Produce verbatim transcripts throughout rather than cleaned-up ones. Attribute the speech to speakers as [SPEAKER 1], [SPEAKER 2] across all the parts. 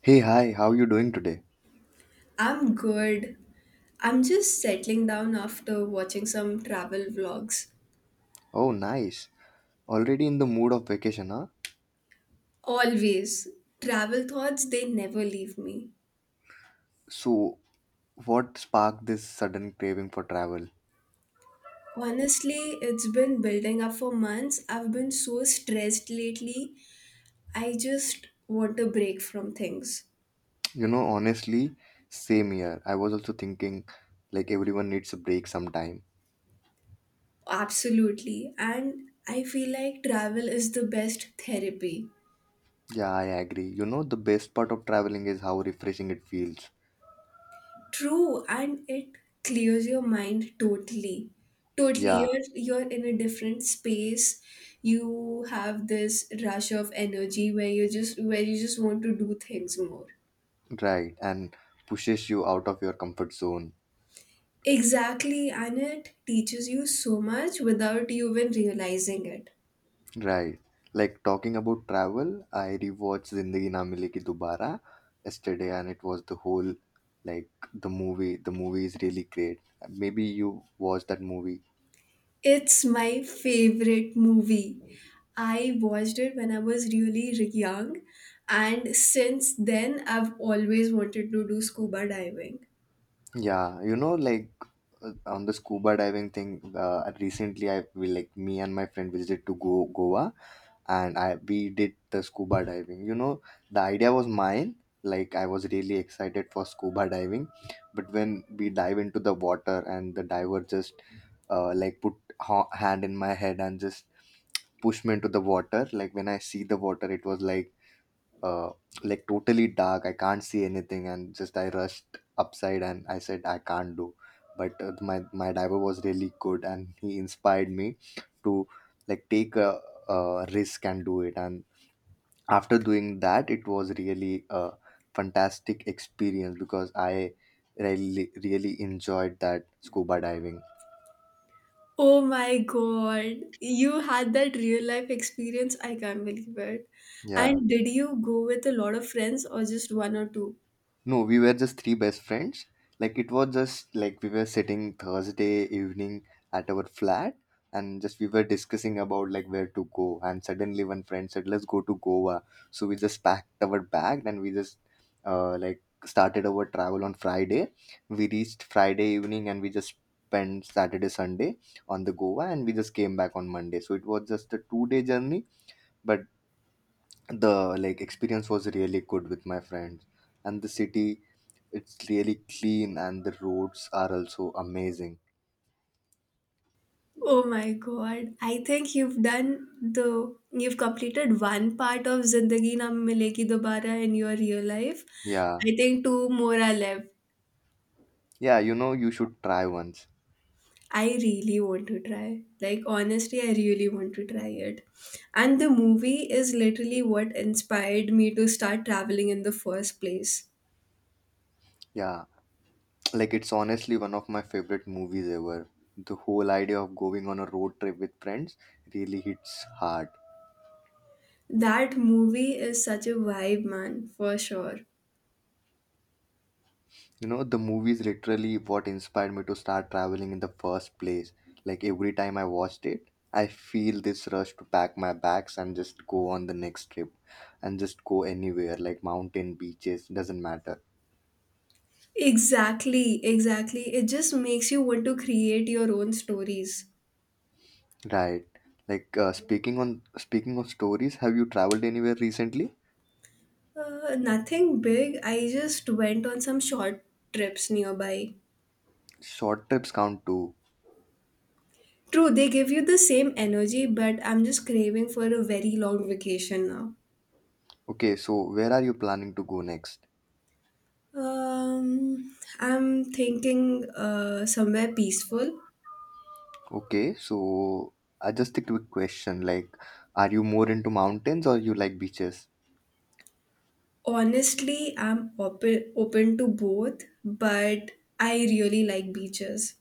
[SPEAKER 1] Hey, hi, how you doing today?
[SPEAKER 2] I'm good. I'm just settling down after watching some travel vlogs.
[SPEAKER 1] Oh, nice. Already in the mood of vacation, huh?
[SPEAKER 2] Always. Travel thoughts, they never leave me.
[SPEAKER 1] So, what sparked this sudden craving for travel?
[SPEAKER 2] Honestly, it's been building up for months. I've been so stressed lately. I just want a break from things.
[SPEAKER 1] You know, honestly, same here. I was also thinking like everyone needs a break sometime.
[SPEAKER 2] Absolutely. And I feel like travel is the best therapy.
[SPEAKER 1] Yeah, I agree. You know, the best part of traveling is how refreshing it feels.
[SPEAKER 2] True, and it clears your mind totally. Totally,
[SPEAKER 1] Yeah,
[SPEAKER 2] you're you're in a different space. You have this rush of energy where you just where you just want to do things more.
[SPEAKER 1] right. And pushes you out of your comfort zone.
[SPEAKER 2] Exactly, and it teaches you so much without you even realizing it.
[SPEAKER 1] Right. Like talking about travel, I rewatched Zindagi Na Milegi Dubara yesterday, and it was the whole like the movie. The movie is really great. Maybe you watched that movie.
[SPEAKER 2] It's my favorite movie. I watched it when I was really re- young, and since then I've always wanted to do scuba diving.
[SPEAKER 1] Yeah, you know, like uh, on the scuba diving thing. Uh, recently, I we like me and my friend visited to go Goa, and I we did the scuba diving. You know, the idea was mine. Like I was really excited for scuba diving, but when we dive into the water and the diver just uh, like put ha- hand in my head and just push me into the water. Like when I see the water, it was like uh, like totally dark. I can't see anything, and just I rushed upside and I said I can't do. But uh, my my diver was really good, and he inspired me to like take a, a risk and do it. And after doing that, it was really a fantastic experience because I really really enjoyed that scuba diving.
[SPEAKER 2] Oh my god, you had that real life experience. I can't believe it.
[SPEAKER 1] Yeah.
[SPEAKER 2] And did you go with a lot of friends or just one or two?
[SPEAKER 1] No, we were just three best friends. Like it was just like we were sitting Thursday evening at our flat and just we were discussing about like where to go and suddenly one friend said let's go to Goa. So we just packed our bag and we just uh, like started our travel on Friday. We reached Friday evening and we just spent Saturday Sunday on the Goa and we just came back on Monday. So it was just a two day journey, but the like experience was really good with my friends, and the city, it's really clean and the roads are also amazing.
[SPEAKER 2] Oh my god, I think you've done the you've completed one part of Zindagi Na Milegi Dobara in your real life.
[SPEAKER 1] Yeah.
[SPEAKER 2] I think two more are left.
[SPEAKER 1] Yeah, you know, you should try once.
[SPEAKER 2] I really want to try. Like honestly, I really want to try it. And the movie is literally what inspired me to start traveling in the first place.
[SPEAKER 1] Yeah. Like it's honestly one of my favorite movies ever. The whole idea of going on a road trip with friends really hits hard.
[SPEAKER 2] That movie is such a vibe, man, for sure.
[SPEAKER 1] You know, the movie is literally what inspired me to start traveling in the first place. Like every time I watched it, I feel this rush to pack my bags and just go on the next trip and just go anywhere like mountain, beaches, doesn't matter.
[SPEAKER 2] Exactly, exactly. It just makes you want to create your own stories.
[SPEAKER 1] Right. Like uh, speaking on speaking of stories, have you traveled anywhere recently?
[SPEAKER 2] Uh, nothing big, I just went on some short trips nearby.
[SPEAKER 1] Short trips count too.
[SPEAKER 2] True, they give you the same energy, but I'm just craving for a very long vacation now.
[SPEAKER 1] Okay, so where are you planning to go next?
[SPEAKER 2] Um, I'm thinking uh, somewhere peaceful.
[SPEAKER 1] Okay, so uh, just a quick question. Like, are you more into mountains or you like beaches?
[SPEAKER 2] Honestly, I'm open open to both, but I really like beaches.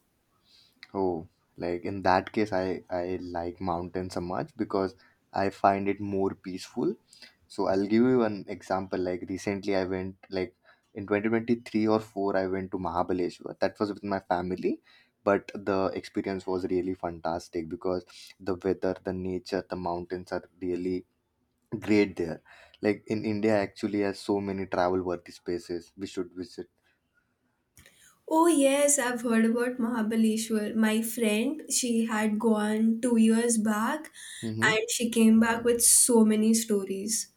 [SPEAKER 1] Oh, like in that case, I I like mountains so much because I find it more peaceful. So I'll give you an example. Like recently, I went like in twenty twenty-three or four, I went to Mahabaleshwar. That was with my family, but the experience was really fantastic because the weather, the nature, the mountains are really great there. Like in India, actually has so many travel worthy spaces we should visit.
[SPEAKER 2] Oh, yes, I've heard about Mahabaleshwar. My friend, she had gone two years back,
[SPEAKER 1] Mm-hmm.
[SPEAKER 2] and she came back with so many stories.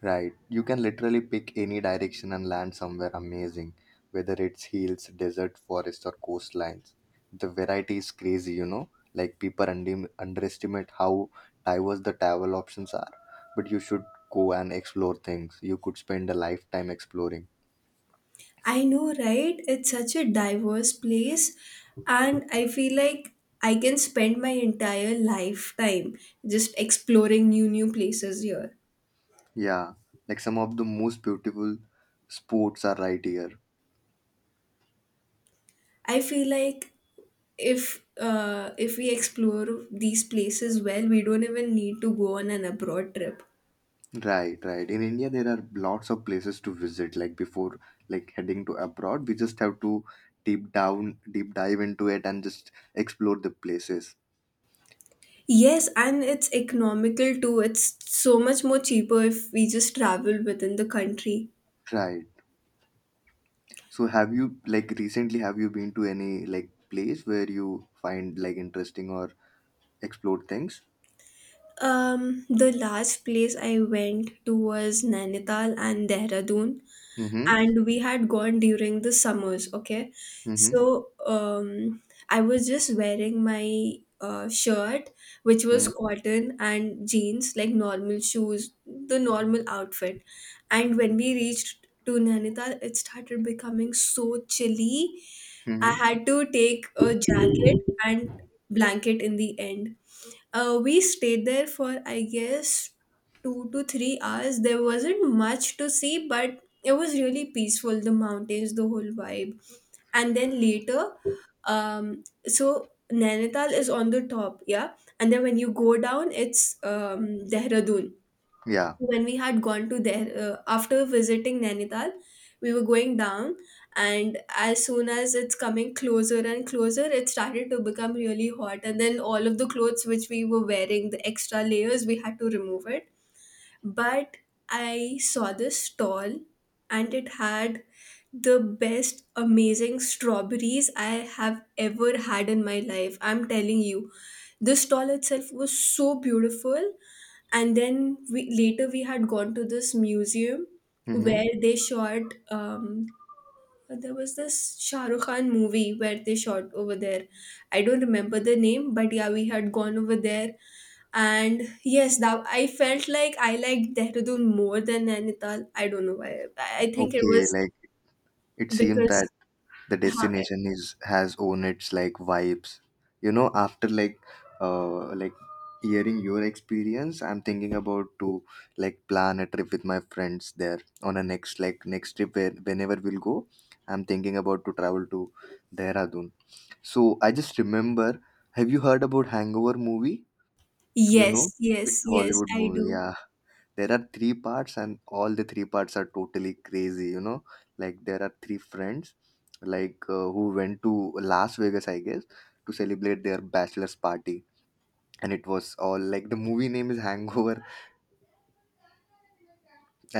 [SPEAKER 1] Right. You can literally pick any direction and land somewhere amazing, whether it's hills, desert, forest, or coastlines. The variety is crazy, you know? Like people under- underestimate how diverse the travel options are. But you should go and explore things. You could spend a lifetime exploring.
[SPEAKER 2] I know, right? It's such a diverse place, and I feel like I can spend my entire lifetime just exploring new, new places here.
[SPEAKER 1] Yeah. Like some of the most beautiful spots are right here.
[SPEAKER 2] I feel like if uh, if we explore these places well, we don't even need to go on an abroad trip.
[SPEAKER 1] Right, right. In India, there are lots of places to visit. Like before, like heading to abroad, we just have to deep down, deep dive into it and just explore the places.
[SPEAKER 2] Yes, and it's economical too. It's so much more cheaper if we just travel within the country.
[SPEAKER 1] Right. So, have you like recently have you been to any like place where you find like interesting or explored things?
[SPEAKER 2] Um, the last place I went to was Nainital and Dehradun,
[SPEAKER 1] Mm-hmm.
[SPEAKER 2] and we had gone during the summers. Okay,
[SPEAKER 1] Mm-hmm.
[SPEAKER 2] so um I was just wearing my uh, shirt, which was
[SPEAKER 1] Mm-hmm.
[SPEAKER 2] cotton, and jeans, like normal shoes, the normal outfit. And when we reached to Nainital, it started becoming so chilly. I
[SPEAKER 1] Mm-hmm.
[SPEAKER 2] had to take a jacket and blanket. In the end, uh, we stayed there for, I guess, two to three hours. There wasn't much to see, but it was really peaceful. The mountains, the whole vibe. And then later, um, so Nainital is on the top, yeah. And then when you go down, it's um, Dehradun.
[SPEAKER 1] Yeah.
[SPEAKER 2] When we had gone to there uh, after visiting Nainital, we were going down, and as soon as it's coming closer and closer, it started to become really hot. And then all of the clothes which we were wearing, the extra layers, we had to remove it. But I saw this stall, and it had the best amazing strawberries I have ever had in my life. I'm telling you, this stall itself was so beautiful. And then we later we had gone to this museum
[SPEAKER 1] Mm-hmm.
[SPEAKER 2] where they shot, um there was this Shah Rukh Khan movie where they shot over there. I don't remember the name, but yeah, we had gone over there, and yes, that I felt like I liked Dehradun more than Nainital. I don't know why. I I think it
[SPEAKER 1] Okay.
[SPEAKER 2] was
[SPEAKER 1] Like it seems that
[SPEAKER 2] because,
[SPEAKER 1] the
[SPEAKER 2] huh,
[SPEAKER 1] destination is has own its like vibes. You know after like uh like hearing your experience, I'm thinking about to like plan a trip with my friends there on a next like next trip, where, whenever we'll go. I'm thinking about to travel to Dehradun. So I just remember, have you heard about Hangover movie? you know
[SPEAKER 2] yes,
[SPEAKER 1] it's
[SPEAKER 2] yes,
[SPEAKER 1] a
[SPEAKER 2] yes,
[SPEAKER 1] Hollywood
[SPEAKER 2] I
[SPEAKER 1] movie,
[SPEAKER 2] do.
[SPEAKER 1] yeah. There are three parts and all the three parts are totally crazy, you know? Like there are three friends, like uh, who went to Las Vegas, I guess, to celebrate their bachelor's party. And it was all like the movie name is Hangover.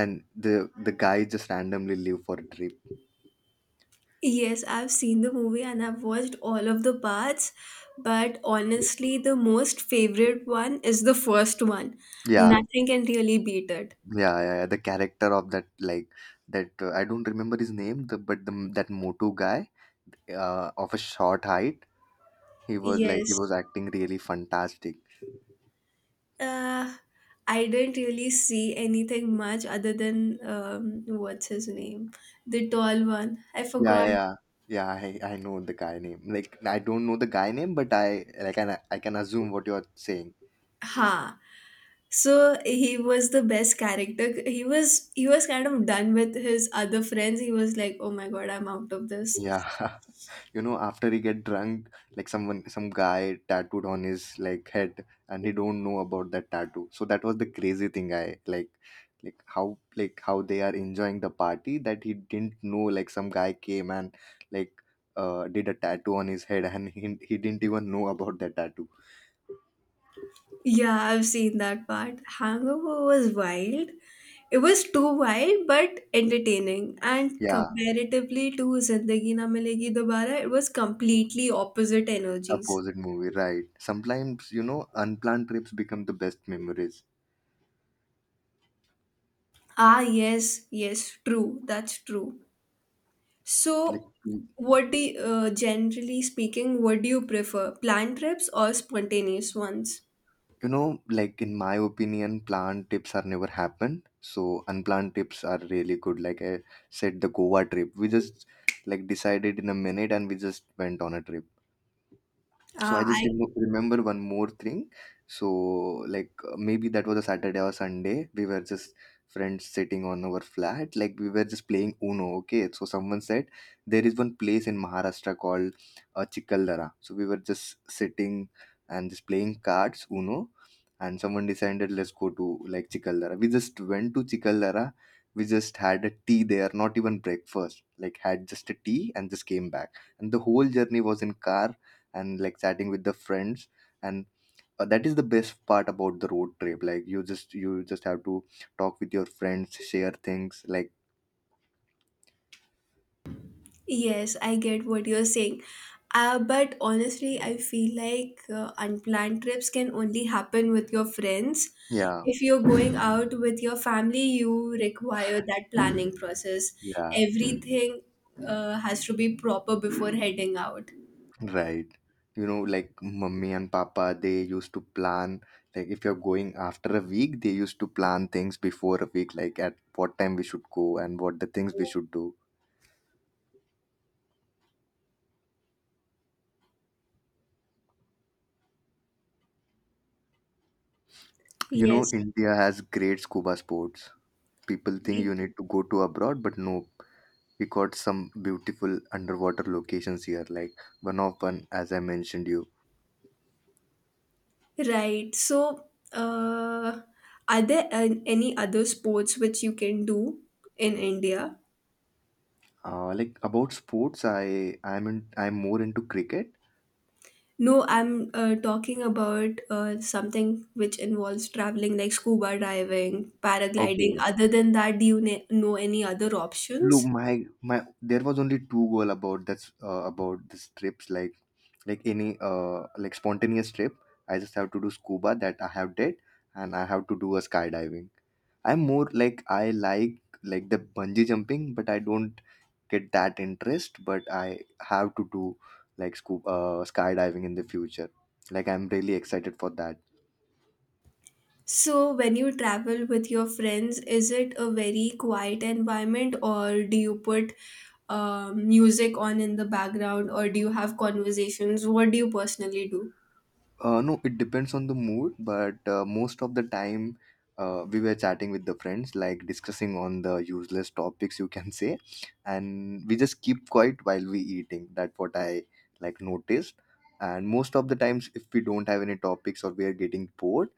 [SPEAKER 1] And the the guy just randomly leave for a trip.
[SPEAKER 2] Yes, I've seen the movie and I've watched all of the parts, but honestly, the most favorite one is the first one.
[SPEAKER 1] Yeah,
[SPEAKER 2] Nothing can really beat it.
[SPEAKER 1] yeah, yeah, yeah. The character of that like that, uh, I don't remember his name, the, but the, that motu guy, uh, of a short height. He was like he was
[SPEAKER 2] Yes.
[SPEAKER 1] acting really fantastic.
[SPEAKER 2] Uh, I didn't really see anything much other than um, what's his name? The tall one. I
[SPEAKER 1] Yeah,
[SPEAKER 2] forgot.
[SPEAKER 1] yeah, yeah. Yeah, I, I know the guy name. Like I don't know the guy name, but I like I, I can assume what you're saying.
[SPEAKER 2] Ha. So he was the best character. He was he was kind of done with his other friends. He was like, "Oh my God, I'm out of this."
[SPEAKER 1] Yeah. You know, after he get drunk, like someone some guy tattooed on his like head and he don't know about that tattoo. So that was the crazy thing I like like how like how they are enjoying the party, that he didn't know like some guy came and like uh did a tattoo on his head and he, he didn't even know about that tattoo.
[SPEAKER 2] Yeah, I've seen that part. Hangover was wild. It was too wild but entertaining. And
[SPEAKER 1] Yeah.
[SPEAKER 2] comparatively to Zindagi Na Milegi Dobara, it was completely opposite energies.
[SPEAKER 1] Opposite movie, right? Sometimes you know unplanned trips become the best memories.
[SPEAKER 2] Ah, yes, yes, true. That's true.
[SPEAKER 1] Like
[SPEAKER 2] So,
[SPEAKER 1] you
[SPEAKER 2] what do you, uh, generally speaking, what do you prefer? Planned trips or spontaneous ones?
[SPEAKER 1] know like in my opinion planned trips are never happened, so unplanned trips are really good, like I said, the Goa trip we just like decided in a minute and we just went on a trip. So I
[SPEAKER 2] Ah,
[SPEAKER 1] just remo remember one more thing. So like uh, maybe that was a Saturday or Sunday. We were just friends sitting on our flat. Like we were just playing Uno. Okay. So someone said there is one place in Maharashtra called uh, Chikaldara. So we were just sitting and just playing cards Uno. And someone decided let's go to like Chikaldara. We just went to Chikaldara. We just had a tea there, not even breakfast. Like had just a tea and just came back. And the whole journey was in car and like chatting with the friends, and uh, that is the best part about the road trip, like you just you just have to talk with your friends, share things like.
[SPEAKER 2] yes, I get what you're saying. Uh, but honestly, I feel like uh, unplanned trips can only happen with your friends.
[SPEAKER 1] Yeah,
[SPEAKER 2] If you're going out with your family, you require that planning process.
[SPEAKER 1] yeah,
[SPEAKER 2] Everything uh, has to be proper before heading out.
[SPEAKER 1] right. You know like mummy and papa, they used to plan, like if you're going after a week, they used to plan things before a week, like at what time we should go and what the things we should do. you know
[SPEAKER 2] Yes,
[SPEAKER 1] india has great scuba sports. People think you
[SPEAKER 2] re-
[SPEAKER 1] need to go to abroad, but no. We got some beautiful underwater locations here, like one of one, as I mentioned you.
[SPEAKER 2] right. So, uh, are there an- any other sports which you can do in India?
[SPEAKER 1] Uh, like about sports, i i'm in, i'm more into cricket.
[SPEAKER 2] No, I'm uh, talking about uh, something which involves traveling, like scuba diving, paragliding.
[SPEAKER 1] Okay.
[SPEAKER 2] Other than that, do you ne- know any other
[SPEAKER 1] Look,
[SPEAKER 2] options?
[SPEAKER 1] my my there was only two goal about that's uh, about this trips, like like any uh like spontaneous trip. I just have to do scuba, that I have did, and I have to do a skydiving. I'm more like I like like the bungee jumping but I don't get that interest, but I have to do like scoop uh, skydiving in the future. Like I'm really excited for that.
[SPEAKER 2] So, when you travel with your friends, is it a very quiet environment, or do you put uh, music on in the background, or do you have conversations? What do you personally do?
[SPEAKER 1] Uh, no, it depends on the mood, but uh, most of the time uh, we were chatting with the friends, like discussing on the useless topics, you can say, and we just keep quiet while we eating, that's what I like noticed. And most of the times if we don't have any topics or we are getting bored,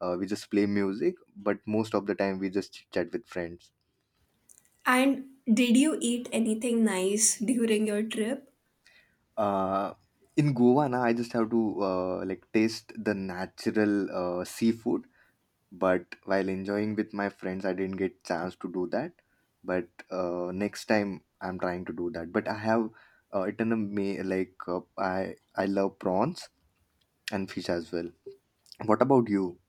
[SPEAKER 1] uh, we just play music, but most of the time we just chit chat with friends.
[SPEAKER 2] And did you eat anything nice during your trip?
[SPEAKER 1] Uh, in Goa, now I just have to uh, like taste the natural uh, seafood. But while enjoying with my friends, I didn't get chance to do that. But uh, next time, I'm trying to do that. But I have uh, eaten a may like uh, I I love prawns and fish as well. What about you?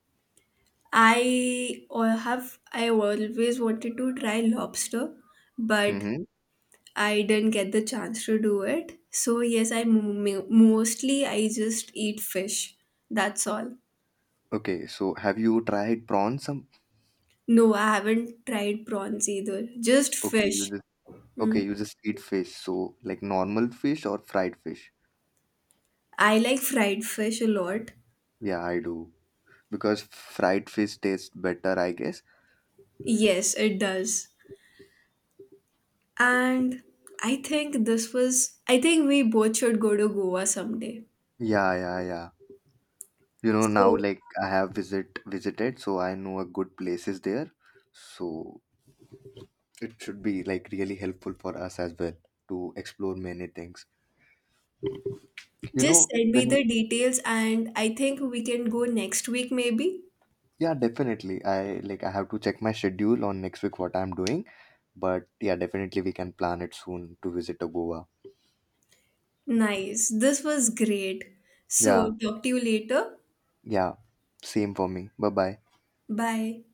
[SPEAKER 2] I al- have I always wanted to try lobster, but
[SPEAKER 1] Mm-hmm.
[SPEAKER 2] I didn't get the chance to do it. So yes, I mo- mostly I just eat fish. That's all.
[SPEAKER 1] Okay, so have you tried prawns? Some
[SPEAKER 2] No, I haven't tried prawns either. Just
[SPEAKER 1] okay, you
[SPEAKER 2] fish.
[SPEAKER 1] just okay,
[SPEAKER 2] Mm.
[SPEAKER 1] you just eat fish. So like normal fish or fried fish?
[SPEAKER 2] I like fried fish a lot.
[SPEAKER 1] Yeah, I do. Because fried fish tastes better, I guess.
[SPEAKER 2] Yes, it does. And I think this was I think we both should go to Goa someday.
[SPEAKER 1] Yeah, yeah, yeah. You know, now
[SPEAKER 2] So,
[SPEAKER 1] like I have visit visited, so I know a good places there. So it should be like really helpful for us as well to explore many things. You
[SPEAKER 2] just
[SPEAKER 1] know,
[SPEAKER 2] send me
[SPEAKER 1] when.
[SPEAKER 2] the details, and I think we can go next week, maybe.
[SPEAKER 1] Yeah, definitely. I like I have to check my schedule on next week what I'm doing, but yeah, definitely we can plan it soon to visit to Goa.
[SPEAKER 2] Nice. This was great. So,
[SPEAKER 1] Yeah,
[SPEAKER 2] talk to you later.
[SPEAKER 1] yeah. Same for me. Bye bye.
[SPEAKER 2] Bye.